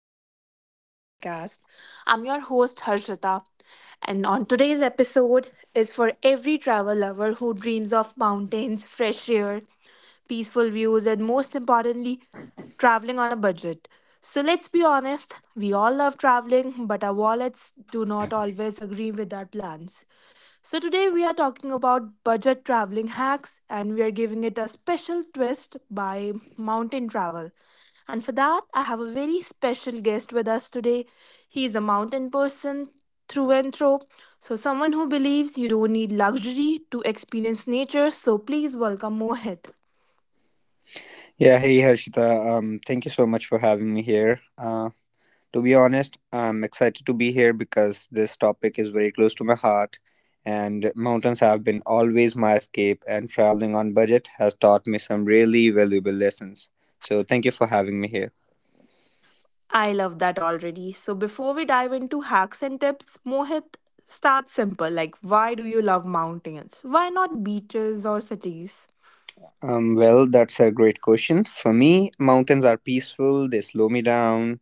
of Harshita's podcast. I'm your host, Harshita, and on today's episode is for every travel lover who dreams of mountains, fresh air, peaceful views, and most importantly, traveling on a budget. So let's be honest, we all love traveling, but our wallets do not always agree with our plans. So, today we are talking about budget traveling hacks and we are giving it a special twist by mountain travel. And for that, I have a very special guest with us today. He is a mountain person through and through. So, someone who believes you don't need luxury to experience nature. So, please welcome Mohit. Yeah, hey Harshita. Thank you so much for having me here. To be honest, I'm excited to be here because this topic is very close to my heart, and mountains have been always my escape, and traveling on budget has taught me some really valuable lessons. So, thank you for having me here. I love that already. So, before we dive into hacks and tips, Mohit, start simple. Like, why do you love mountains? Why not beaches or cities? Well, that's a great question. For me, mountains are peaceful, they slow me down.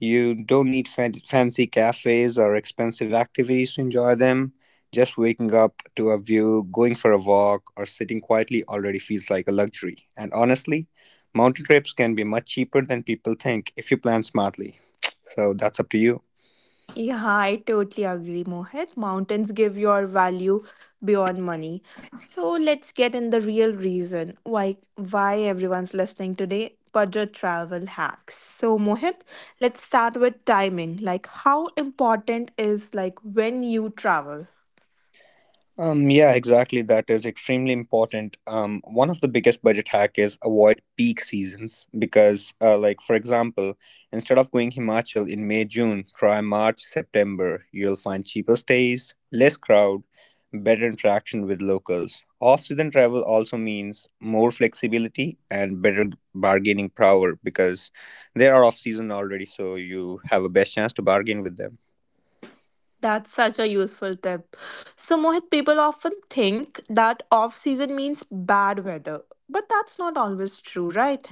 You don't need fancy cafes or expensive activities to enjoy them. Just waking up to a view, going for a walk, or sitting quietly already feels like a luxury. And honestly, mountain trips can be much cheaper than people think if you plan smartly. So that's up to you. Yeah, I totally agree, Mohit. Mountains give your value beyond money. So let's get in the real reason why everyone's listening today. Budget travel hacks. So Mohit, let's start with timing. Like how important is like when you travel? Yeah, exactly. That is extremely important. One of the biggest budget hack is avoid peak seasons because, like for example, instead of going Himachal in May June, try March September. You'll find cheaper stays, less crowd, better interaction with locals. Off-season travel also means more flexibility and better bargaining power because they are off-season already, so you have a best chance to bargain with them. That's such a useful tip. So Mohit, people often think that off season means bad weather, but that's not always true, right?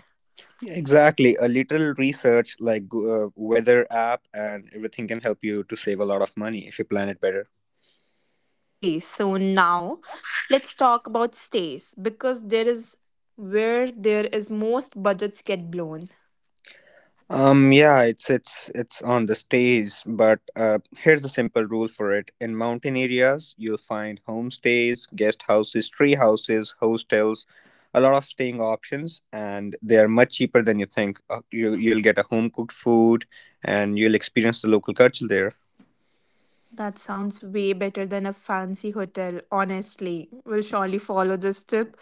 Yeah, exactly. A little research like weather app and everything can help you to save a lot of money if you plan it better. Okay, so now let's talk about stays because there is where there is most budgets get blown. Yeah, it's on the stage, but here's the simple rule for it. In mountain areas, you'll find homestays, guest houses, tree houses, hostels, a lot of staying options, and they are much cheaper than you think. You'll get a home cooked food, and you'll experience the local culture there. That sounds way better than a fancy hotel, honestly. We'll surely follow this tip.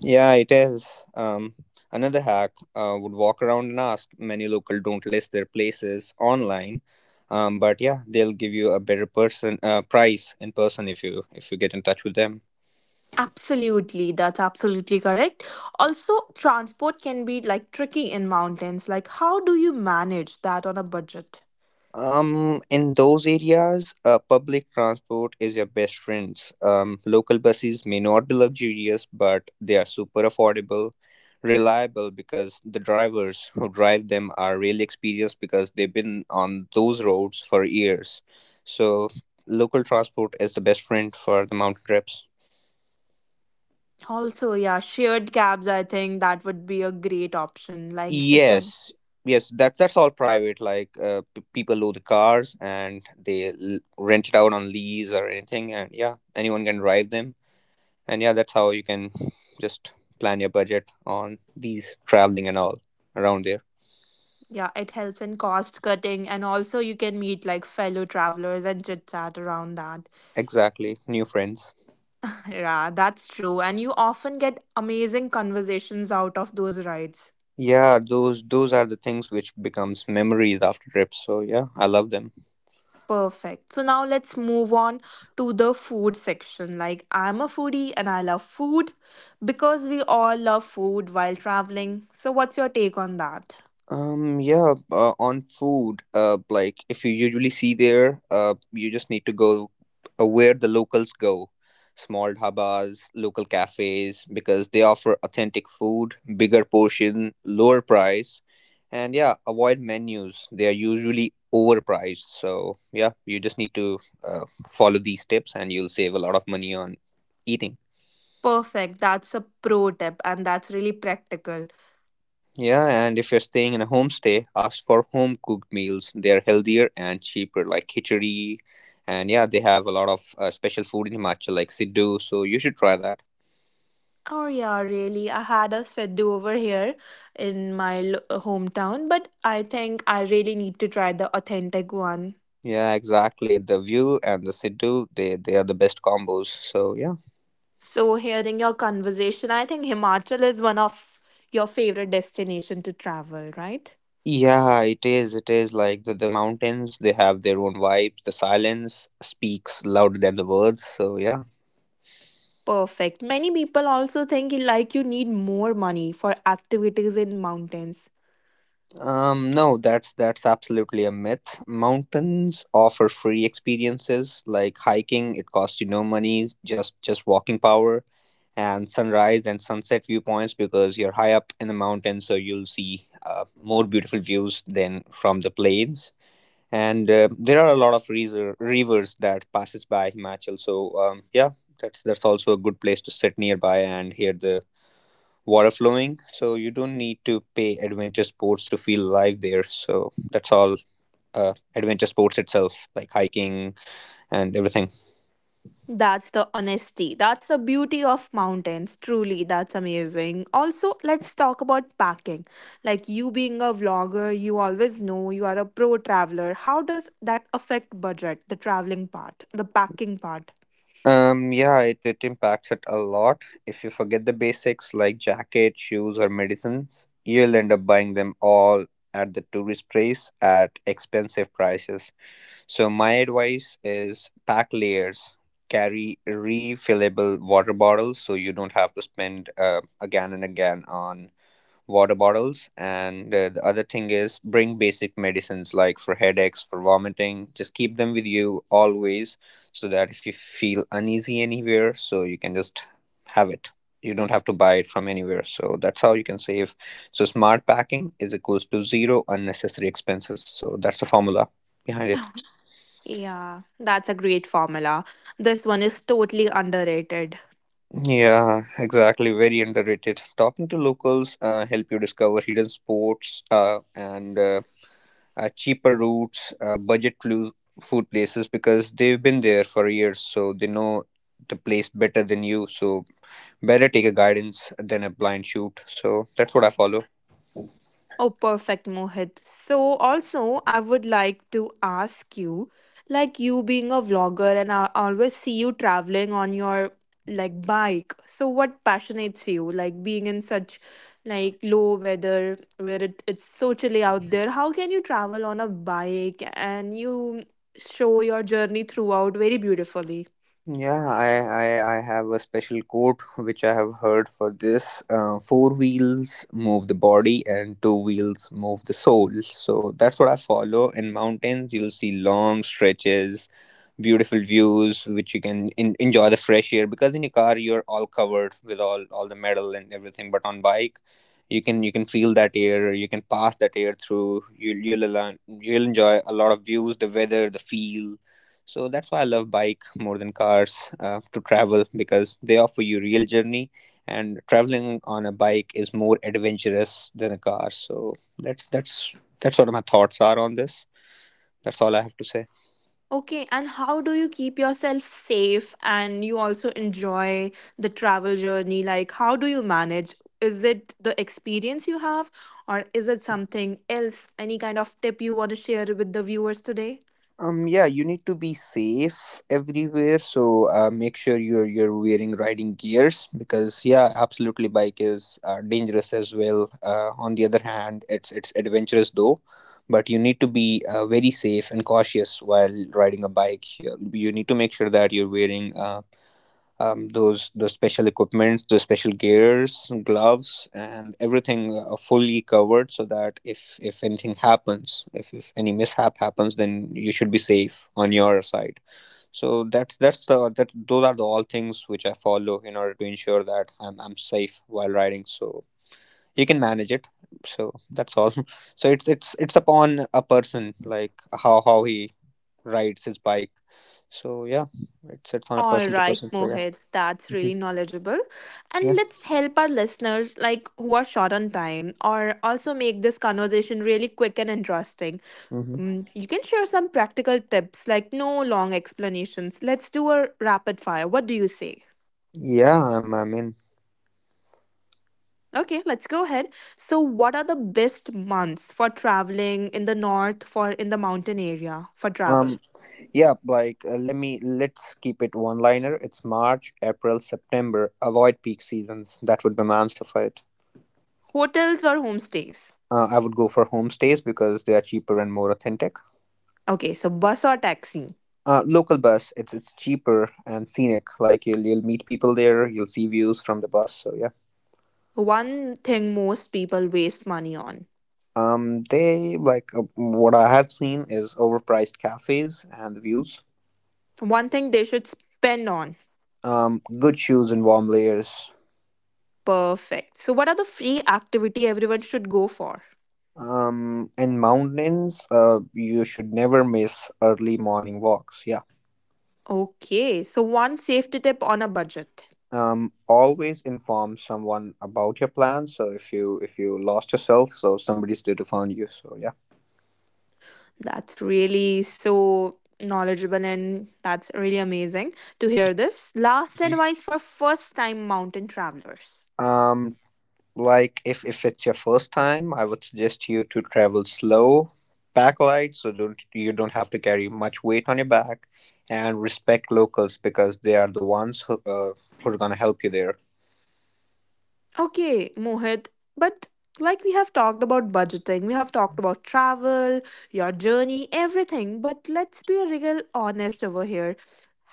Yeah, it is. Another hack would walk around and ask. Many local don't list their places online, but yeah, they'll give you a better person price in person if you get in touch with them. Absolutely, that's absolutely correct. Also, transport can be like tricky in mountains. Like, how do you manage that on a budget? In those areas, public transport is your best friends. Local buses may not be luxurious, but they are super affordable, reliable because the drivers who drive them are really experienced because they've been on those roads for years. So, local transport is the best friend for the mountain trips. Also, yeah, shared cabs, I think that would be a great option. Like, it can. Yes, yes, that's all private. Like people own the cars and they rent it out on lease or anything, and yeah, anyone can drive them. And yeah, that's how you can just plan your budget on these traveling and all around there. Yeah, it helps in cost cutting, and also you can meet like fellow travelers and chit chat around that. Exactly, new friends. Yeah, that's true. And you often get amazing conversations out of those rides. Yeah, those are the things which becomes memories after trips, so yeah, I love them. Perfect. So now let's move on to the food section. Like, I'm a foodie and I love food because we all love food while traveling. So, what's your take on that? Yeah, on food, like if you usually see there, you just need to go where the locals go, small dhabas, local cafes, because they offer authentic food, bigger portion, lower price, and yeah, avoid menus. They are usually overpriced, so yeah, you just need to follow these tips, and you'll save a lot of money on eating. Perfect. That's a pro tip and that's really practical. Yeah, and if you're staying in a homestay, ask for home cooked meals. They're healthier and cheaper, like khichdi. And yeah, they have a lot of special food in Himachal, like Siddu. So you should try that. Oh yeah, really. I had a set over here in my hometown, but I think I really need to try the authentic one. Yeah, exactly. The view and the Siddu, they are the best combos. So yeah. So, hearing your conversation, I think Himachal is one of your favorite destination to travel, right? Yeah, it is. It is like the mountains, they have their own vibes. The silence speaks louder than the words. So yeah. Perfect. Many people also think you- like you need more money for activities in mountains. No, that's absolutely a myth. Mountains offer free experiences like hiking. It costs you no money, just walking power, and sunrise and sunset viewpoints because you're high up in the mountains, so you'll see more beautiful views than from the plains. And there are a lot of reaser, rivers that passes by Himachal, so yeah, that's also a good place to sit nearby and hear the water flowing. So you don't need to pay adventure sports to feel alive there. So that's all, adventure sports itself, like hiking and everything. That's the honesty. That's the beauty of mountains. Truly, that's amazing. Also, let's talk about packing. Like you being a vlogger, you always know you are a pro traveler. How does that affect budget, the traveling part, the packing part? Yeah, it impacts it a lot if you forget the basics like jacket shoes or medicines. You'll end up buying them all at the tourist place at expensive prices. So my advice is pack layers, carry refillable water bottles so you don't have to spend again and again on water bottles. And the other thing is bring basic medicines like for headaches, for vomiting. Just keep them with you always so that if you feel uneasy anywhere, so you can just have it. You don't have to buy it from anywhere. So that's how you can save. So smart packing is equals to zero unnecessary expenses. So that's the formula behind it. Yeah, that's a great formula. This one is totally underrated. Yeah, exactly. Very underrated. Talking to locals help you discover hidden sports and cheaper routes, budget food places because they've been there for years, so they know the place better than you. So better take a guidance than a blind shoot. So that's what I follow. Oh, perfect, Mohit. So, also, I would like to ask you, like you being a vlogger, and I always see you traveling on your like bike. So, what passionates you, like being in such like low weather where it's so chilly out there? How can you travel on a bike and you show your journey throughout very beautifully? Yeah, I have a special quote which I have heard for this. Four wheels move the body and two wheels move the soul. So that's what I follow. In mountains, you'll see long stretches, beautiful views, which you can enjoy the fresh air because in your car you're all covered with all the metal and everything, but on bike you can feel that air, you can pass that air through. You'll you'll enjoy a lot of views, the weather, the feel. So that's why I love bike more than cars to travel because they offer you real journey, and traveling on a bike is more adventurous than a car. So that's what my thoughts are on this. That's all I have to say. Okay, and how do you keep yourself safe and you also enjoy the travel journey? Like, how do you manage? Is it the experience you have, or is it something else? Any kind of tip you want to share with the viewers today? Yeah, you need to be safe everywhere. So make sure you're wearing riding gears because yeah, absolutely, bike is dangerous as well. On the other hand, it's adventurous though, but you need to be very safe and cautious while riding a bike. You need to make sure that you're wearing those special equipments, the special gears, gloves, and everything fully covered, so that if anything happens, if, any mishap happens, then you should be safe on your side. So that's the that those are the all things which I follow in order to ensure that I'm safe while riding. So you can manage it. So that's all. So it's upon a person like how he rides his bike. So yeah, it's on a All person to right, person. So yeah. Mohit, that's Mhm. really knowledgeable. And Yeah. let's help our listeners like who are short on time or also make this conversation really quick and interesting. Hmm. Mm, you can share some practical tips like no long explanations. Let's do a rapid fire. What do you say? Yeah, I mean, Okay, let's go ahead. So, what are the best months for traveling in the north for in the mountain area for travel? um, yeah, like let me let's keep it one liner. It's March, April, September. Avoid peak seasons. That would be my answer for it. Hotels or homestays? I would go for homestays because they are cheaper and more authentic. Okay, so bus or taxi? Local bus, it's cheaper and scenic. Like you'll meet people there. You'll see views from the bus. So yeah. One thing most people waste money on. They like what I have seen is overpriced cafes and the views. One thing they should spend on. Um, Good shoes and warm layers. Perfect. So, what are the free activity everyone should go for? And mountains, you should never miss early morning walks. Yeah. Okay, so one safety tip on a budget. Always inform someone about your plans. So if you lost yourself, so somebody's there to find you. So yeah. That's really so knowledgeable and that's really amazing to hear this. Last Mhm. advice for first time mountain travelers. Um, like if it's your first time, I would suggest you to travel slow, pack light, so don't you don't have to carry much weight on your back, and respect locals because they are the ones who are gonna help you there. Okay, Mohit, but like we have talked about budgeting, we have talked about travel, your journey, everything, but let's be real honest over here.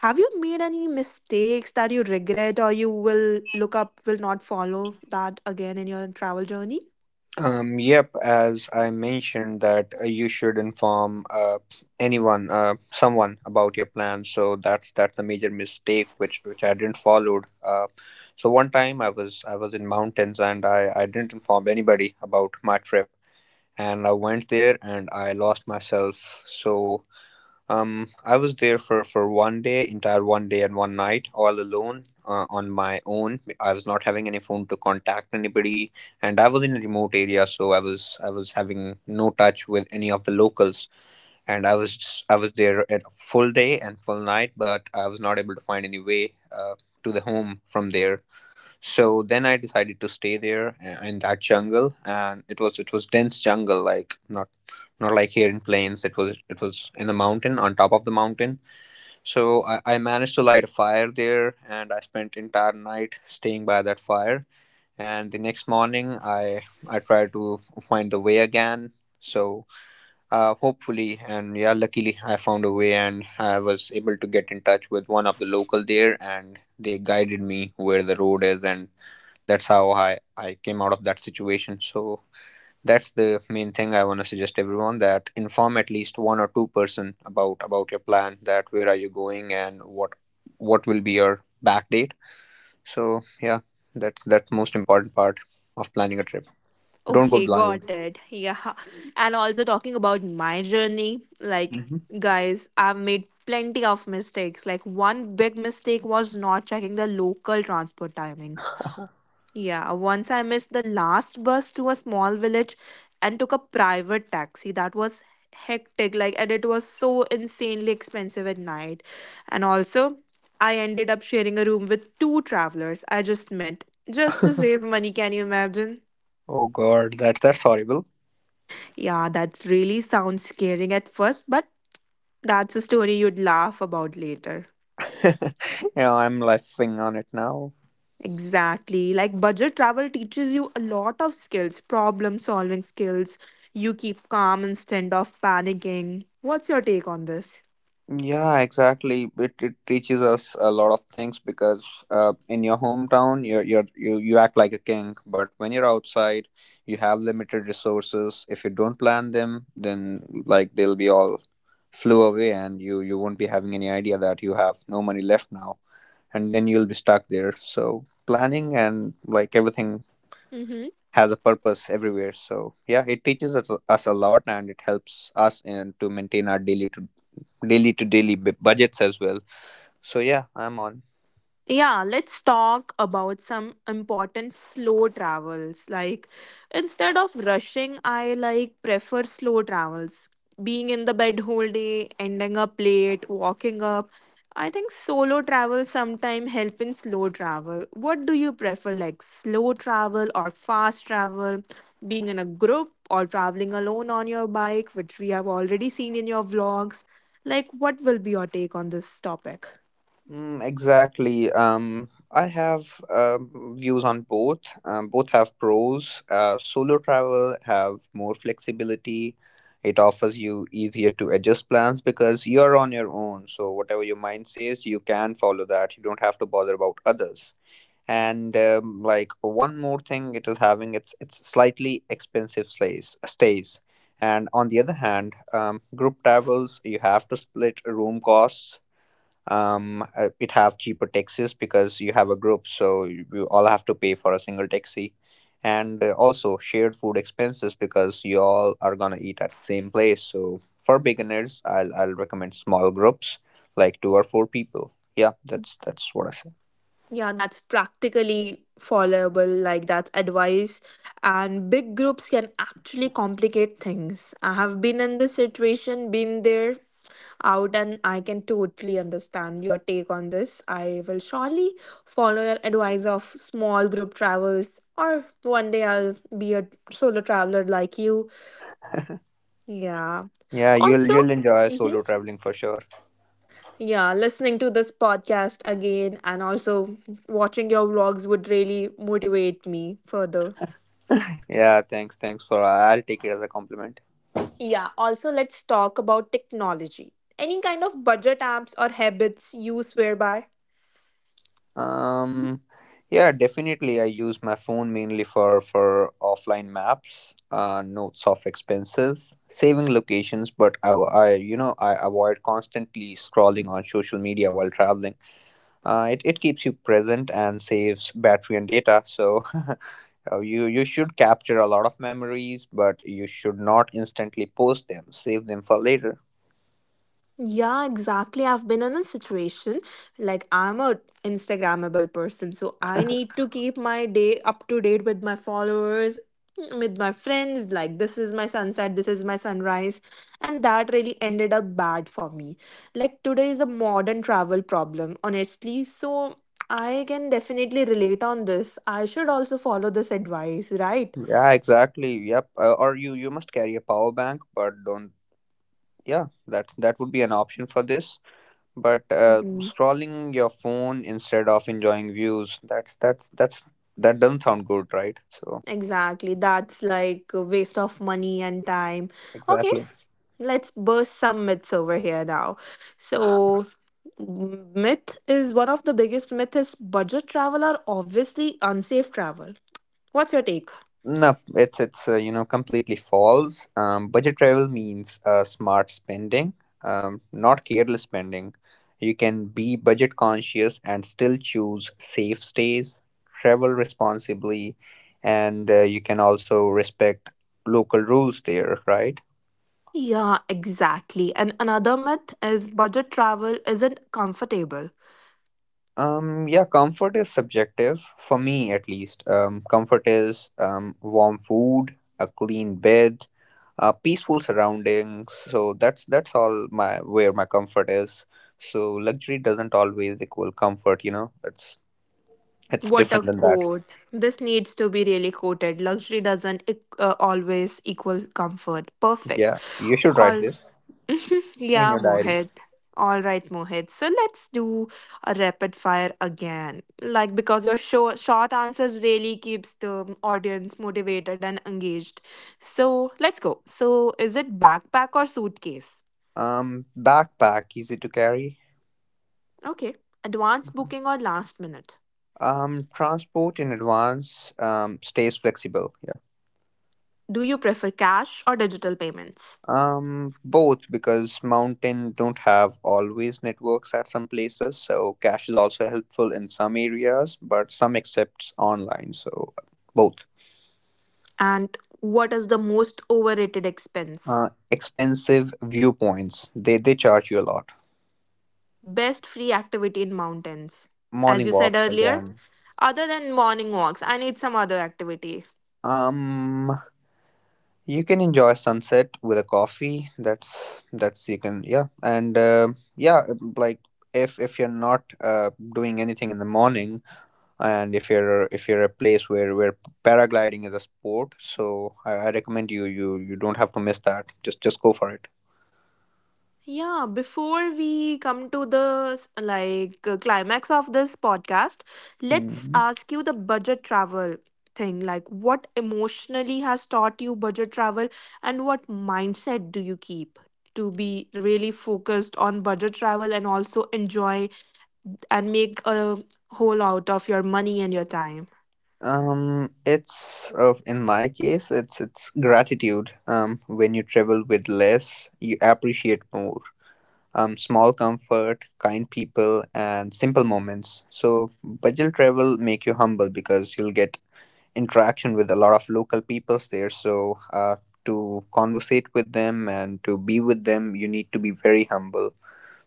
Have you made any mistakes that you regret or you will look up, will not follow that again in your travel journey? Yep, as I mentioned that you should inform someone about your plan. So that's a major mistake which I didn't followed. So one time I was in mountains and I didn't inform anybody about my trip and I went there and I lost myself. So I was there for one day, entire one day and one night, all alone, on my own. I was not having any phone to contact anybody, and I was in a remote area, so I was having no touch with any of the locals, and I was I was there at full day and full night, but I was not able to find any way to the home from there. So then I decided to stay there in that jungle, and it was dense jungle, like not like here in plains. It was in the mountain, on top of the mountain. So I managed to light a fire there, and I spent entire night staying by that fire. And the next morning, I tried to find the way again. So hopefully, and yeah, luckily, I found a way, and I was able to get in touch with one of the local there, and they guided me where the road is, and that's how I came out of that situation. So that's the main thing I want to suggest everyone, that inform at least one or two-person about your plan, that where are you going and what will be your back date. So yeah, that's most important part of planning a trip. Don't go Okay, blind. got it. Yeah. And also talking about my journey, like, Mhm. guys, I've made plenty of mistakes. Like, one big mistake was not checking the local transport timings. Yeah, once I missed the last bus to a small village and took a private taxi. That was hectic, like, and it was so insanely expensive at night. And also, I ended up sharing a room with two travelers I just met just to save money. Can you imagine? Oh god, that's horrible. Yeah, that really sounds scary at first, but that's a story you'd laugh about later. Yeah, I'm laughing on it now. Exactly. Like budget travel teaches you a lot of skills, problem solving skills. You keep calm instead of panicking. What's your take on this? Yeah, exactly. It teaches us a lot of things, because in your hometown, you act like a king, but when you're outside, you have limited resources. If you don't plan them, then like they'll be all flew away, and you won't be having any idea that you have no money left now, and then you'll be stuck there. So planning and like everything has a purpose everywhere. So yeah, it teaches us a lot, and it helps us in to maintain our daily to daily budgets as well. So yeah, I'm on. Yeah, let's talk about some important slow travels. Like instead of rushing, I like prefer slow travels. Being in the bed whole day, ending up late, walking up. I think solo travel sometimes help in slow travel. What do you prefer like slow travel or fast travel? Being in a group or traveling alone on your bike, which we have already seen in your vlogs. Like what will be your take on this topic? Exactly. I have um, views on both. Both have pros. Solo travel have more flexibility. It offers you easier to adjust plans, because you're on your own, so whatever your mind says, you can follow that. You don't have to bother about others. And like one more thing, it is having its slightly expensive stays. And on the other hand, group travels, you have to split room costs. It have cheaper taxis because you have a group, so you all have to pay for a single taxi. And also shared food expenses, because you all are gonna eat at the same place. So for beginners, I'll recommend small groups, like two or four people. Yeah, that's what I say. Yeah, that's practically followable, like that's advice. And big groups can actually complicate things. I have been in this situation, been there, out, and I can totally understand your take on this. I will surely follow your advice of small group travels, or one day I'll be a solo traveler like you. Yeah. Yeah, you'll Also, you'll enjoy solo traveling for sure. yeah, listening to this podcast again and also watching your vlogs would really motivate me further. Yeah, thanks for, I'll take it as a compliment. Yeah, also let's talk about technology. Any kind of budget apps or habits you swear by? Um, yeah, definitely. I use my phone mainly for offline maps, notes of expenses, saving locations. But I I avoid constantly scrolling on social media while traveling. It keeps you present and saves battery and data. So you should capture a lot of memories, but you should not instantly post them. Save them for later. Yeah, exactly. I've been in a situation like I'm a Instagrammable person, so I need to keep my day up to date with my followers, with my friends. Like this is my sunset, this is my sunrise, and that really ended up bad for me. Like today is a modern travel problem, honestly. So I can definitely relate on this. I should also follow this advice, right? Yeah, exactly. Yep. Or you must carry a power bank, but don't. Yeah, that's that would be an option for this. But scrolling your phone instead of enjoying views, that's that doesn't sound good, right? So Exactly. That's like a waste of money and time. Okay, exactly. let's burst some myths over here now. So, myth is one of the biggest myth is budget travel are obviously unsafe travel. What's your take? No, it's completely false. Budget travel means smart spending, not careless spending. You can be budget conscious and still choose safe stays, travel responsibly, and you can also respect local rules there, right? Yeah, exactly. And another myth is budget travel isn't comfortable. Yeah, comfort is subjective for me at least. Comfort is warm food, a clean bed, peaceful surroundings. So that's all my where my comfort is. So luxury doesn't always equal comfort, you know. It's What a different than that. quote. This needs to be really quoted. Luxury doesn't always equal comfort. Perfect. Yeah, you should write All this in yeah, your diary. Mohit. All right, Mohit. So let's do a rapid fire again. Like because your show, short answers really keeps the audience motivated and engaged. So let's go. So is it backpack or suitcase? Backpack, easy to carry. Okay. Advance booking or last minute? Transport in advance. Stays flexible. Do you prefer cash or digital payments? Both, because mountain don't have always networks at some places, so cash is also helpful in some areas, but some accepts online, so both. And what is the most overrated expense? Expensive viewpoints, they charge you a lot. Best free activity in mountains. As Morning you said walks earlier, again. other than morning walks, I need some other activity. Um, you can enjoy sunset with a coffee. That's you can, yeah. And yeah, like, if you're not doing anything in the morning, and if you're a place where paragliding is a sport, so I recommend you you don't have to miss that. Just go for it. Yeah, before we come to the climax of this podcast, let's Hmm. ask you the budget travel thing. Like what emotionally has taught you budget travel and what mindset do you keep to be really focused on budget travel and also enjoy and make a whole out of your money and your time? It's of, in my case it's gratitude. When you travel with less, you appreciate more. Small comfort, kind people, and simple moments. So budget travel make you humble, because you'll get interaction with a lot of local peoples there. So to conversate with them and to be with them, you need to be very humble.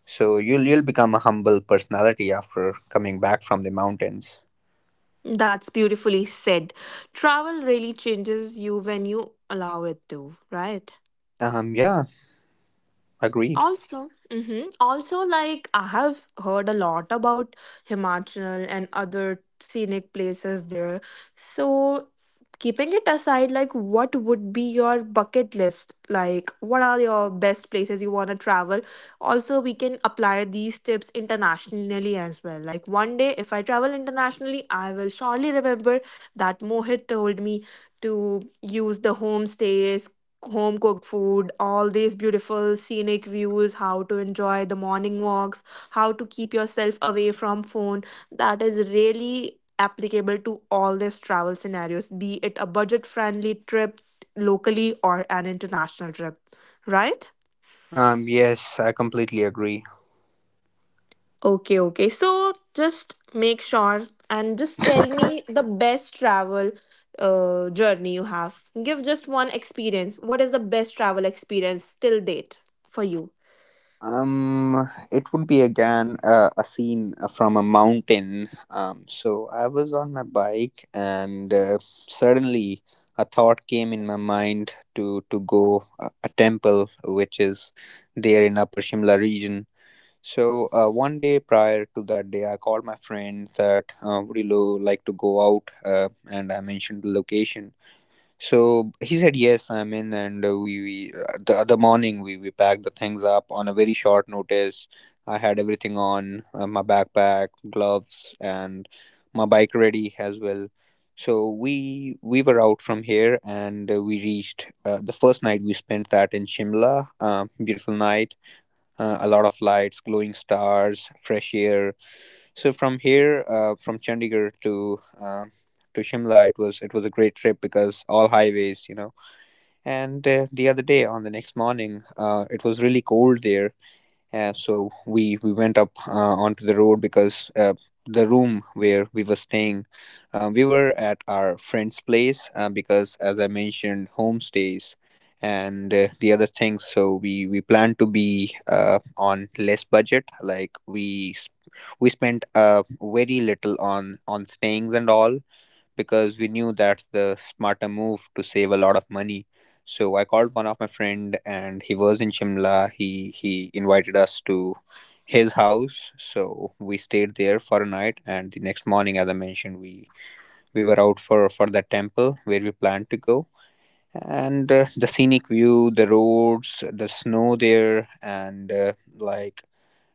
So you'll become a humble personality after coming back from the mountains. That's beautifully said. Travel really changes you when you allow it to, right? Yeah, agreed. Also, hmm also like I have heard a lot about Himachal and other scenic places there. So, keeping it aside, like what would be your bucket list? Like, what are your best places you want to travel? Also, we can apply these tips internationally as well. Like one day, if I travel internationally, I will surely remember that Mohit told me to use the homestays home cooked food, all these beautiful scenic views, how to enjoy the morning walks, how to keep yourself away from phone. That is really applicable to all these travel scenarios, be it a budget friendly trip locally or an international trip, right? Yes, I completely agree. Okay, okay. So just make sure and just tell me the best travel journey you have. Give just one experience. What is the best travel experience till date for you? It would be again a scene from a mountain. So I was on my bike, and suddenly a thought came in my mind to go a temple which is there in Upper Shimla region. So one day prior to that day, I called my friend that would you like to go out, and I mentioned the location. So he said yes, I'm in, and we the other morning we packed the things up on a very short notice. I had everything on my backpack, gloves, and my bike ready as well. So we were out from here, and we reached the first night we spent that in Shimla. Beautiful night, a lot of lights, glowing stars, fresh air. So from here, from Chandigarh to Shimla, it was a great trip because all highways, you know. And the other day, on the next morning, it was really cold there. So we went up onto the road, because the room where we were staying, we were at our friend's place because, as I mentioned, homestays and the other things. So we planned to be on less budget. Like we spent very little on stayings and all, because we knew that's the smarter move to save a lot of money. So I called one of my friend, and he was in Shimla. He invited us to his house. So we stayed there for a night, and the next morning, as I mentioned, we were out for the temple where we planned to go. And the scenic view, the roads, the snow there, and like,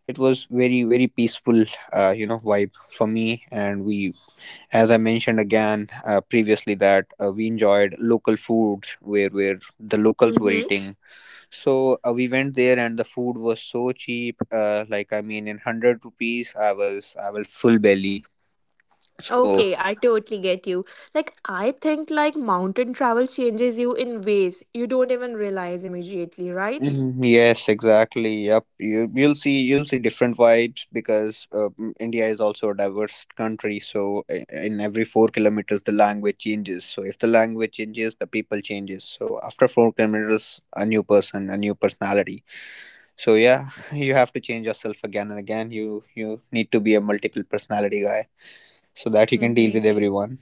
it was very peaceful, you know, vibe for me. And we, as I mentioned again previously, that we enjoyed local foods where the locals were Mm-hmm. eating. So we went there, and the food was so cheap. Like I mean, in 100 rupees, I was full belly. So Okay, I totally get you. Like I think like mountain travel changes you in ways you don't even realize immediately, right? Mhm, yes, exactly. Yep, you'll see different vibes, because India is also a diverse country. So in every 4 kilometers, the language changes. So if the language changes, the people changes. So after 4 kilometers, a new person, a new personality. So yeah, you have to change yourself again and again. You need to be a multiple personality guy so that you can deal Mm-hmm. with everyone.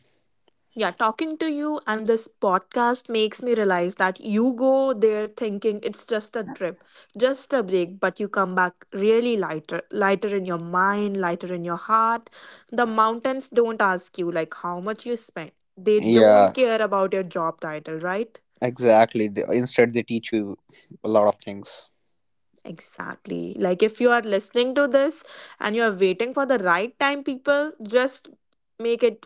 Yeah, talking to you and this podcast makes me realize that you go there thinking it's just a trip, just a break, but you come back really lighter, lighter in your mind, lighter in your heart. The mountains don't ask you like how much you spent. They Yeah, don't care about your job title, right? exactly. They, instead, they teach you a lot of things. Exactly. Like if you are listening to this and you are waiting for the right time, people, just make it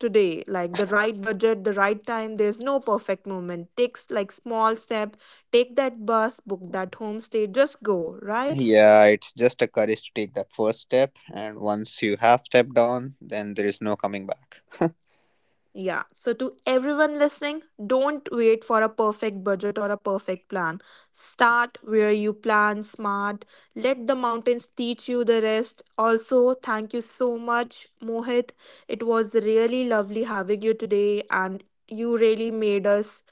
today. Like the right budget, the right time. There's no perfect moment. Takes like small step. Take that bus, book that homestay, just go, right? Yeah, it's just a courage to take that first step, and once you have stepped on, then there is no coming back. Yeah. So, to everyone listening, don't wait for a perfect budget or a perfect plan. Start where you plan smart. Let the mountains teach you the rest. Also, thank you so much, Mohit. It was really lovely having you today, and you really made us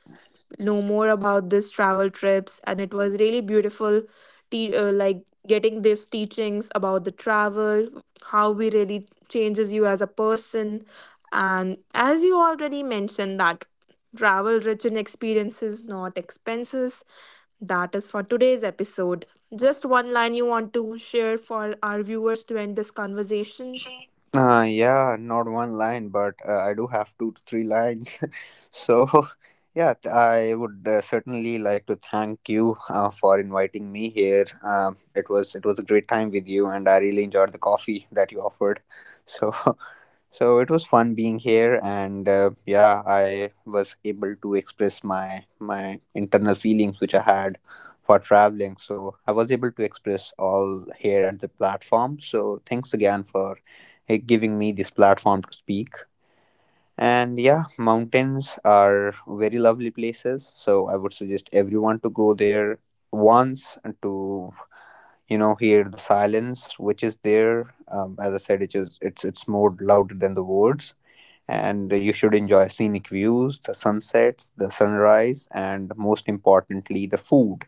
know more about this travel trips, and it was really beautiful like getting these teachings about the travel, how we really changes you as a person, and as you already mentioned that travel rich in experiences, not expenses. That is for today's episode. Just one line you want to share for our viewers to end this conversation? Yeah, not one line, but I do have two to three lines. So, yeah, I would certainly like to thank you for inviting me here. It was a great time with you, and I really enjoyed the coffee that you offered. So, so it was fun being here, and yeah, I was able to express my internal feelings which I had for traveling. So I was able to express all here at the platform. So thanks again for giving me this platform to speak. And yeah, mountains are very lovely places. So I would suggest everyone to go there once and to hear the silence which is there. As I said, it is it's more louder than the words. And you should enjoy scenic views, the sunsets, the sunrise, and most importantly, the food.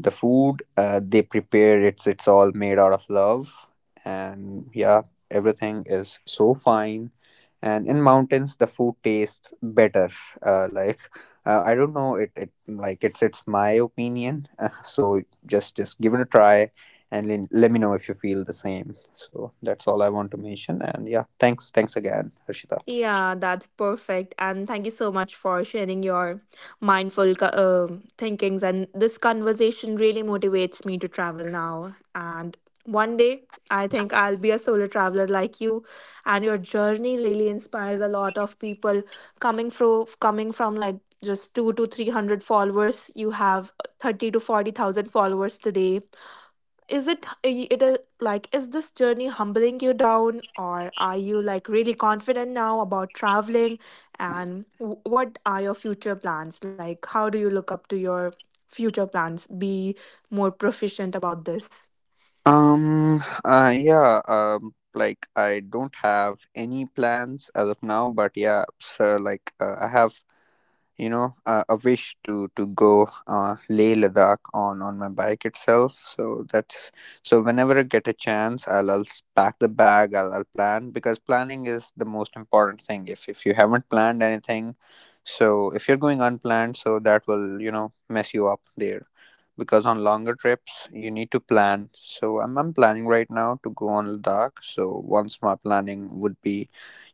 The food they prepare, it's all made out of love, and yeah, everything is so fine. And in mountains, the food tastes better. Like I don't know, it's my opinion. So just give it a try, and then let me know if you feel the same. So that's all I want to mention. And yeah, thanks again, Harshita. Yeah, that's perfect. And thank you so much for sharing your mindful thinkings. And this conversation really motivates me to travel now. And one day, I think I'll be a solo traveler like you. And your journey really inspires a lot of people coming from like just two to three hundred followers. You have thirty to forty thousand followers today. Is it h- it is like, is this journey humbling you down, or are you like really confident now about traveling, and w- what are your future plans, like how do you look up to your future plans, be more proficient about this? Yeah, like I don't have any plans as of now, but yeah, so like I have, a wish to go Leh Ladakh on my bike itself. So that's, so whenever I get a chance, pack the bag. I'll plan, because planning is the most important thing. If you haven't planned anything, so if you're going unplanned, so that will, you know, mess you up there. Because on longer trips, you need to plan. So I'm planning right now to go on Ladakh. So once my planning would be,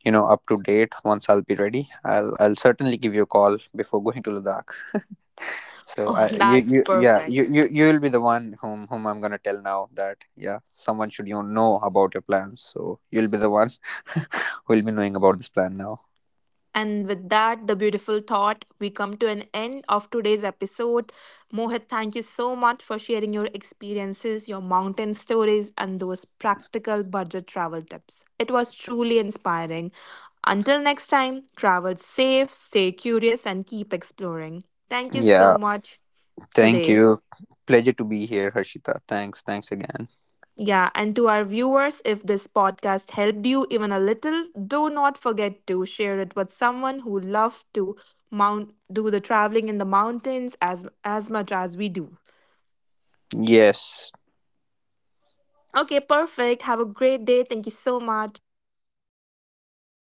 you know, up to date, once I'll be ready, I'll certainly give you a call before going to Ladakh. So Oh, I, that's perfect. You'll be the one whom I'm going to tell now that yeah, someone should you know about your plans, so you'll be the one who'll be knowing about this plan now. And with that, the beautiful thought, we come to an end of today's episode. Mohit, thank you so much for sharing your experiences, your mountain stories, and those practical budget travel tips. It was truly inspiring. Until next time, travel safe, stay curious, and keep exploring. Thank you Yeah, so much thank today. you. Pleasure to be here, Harshita. Thanks again. Yeah, and to our viewers, if this podcast helped you even a little, do not forget to share it with someone who loves to mount do the traveling in the mountains as much as we do. Yes. Okay, perfect. Have a great day. Thank you so much. Yeah, thanks.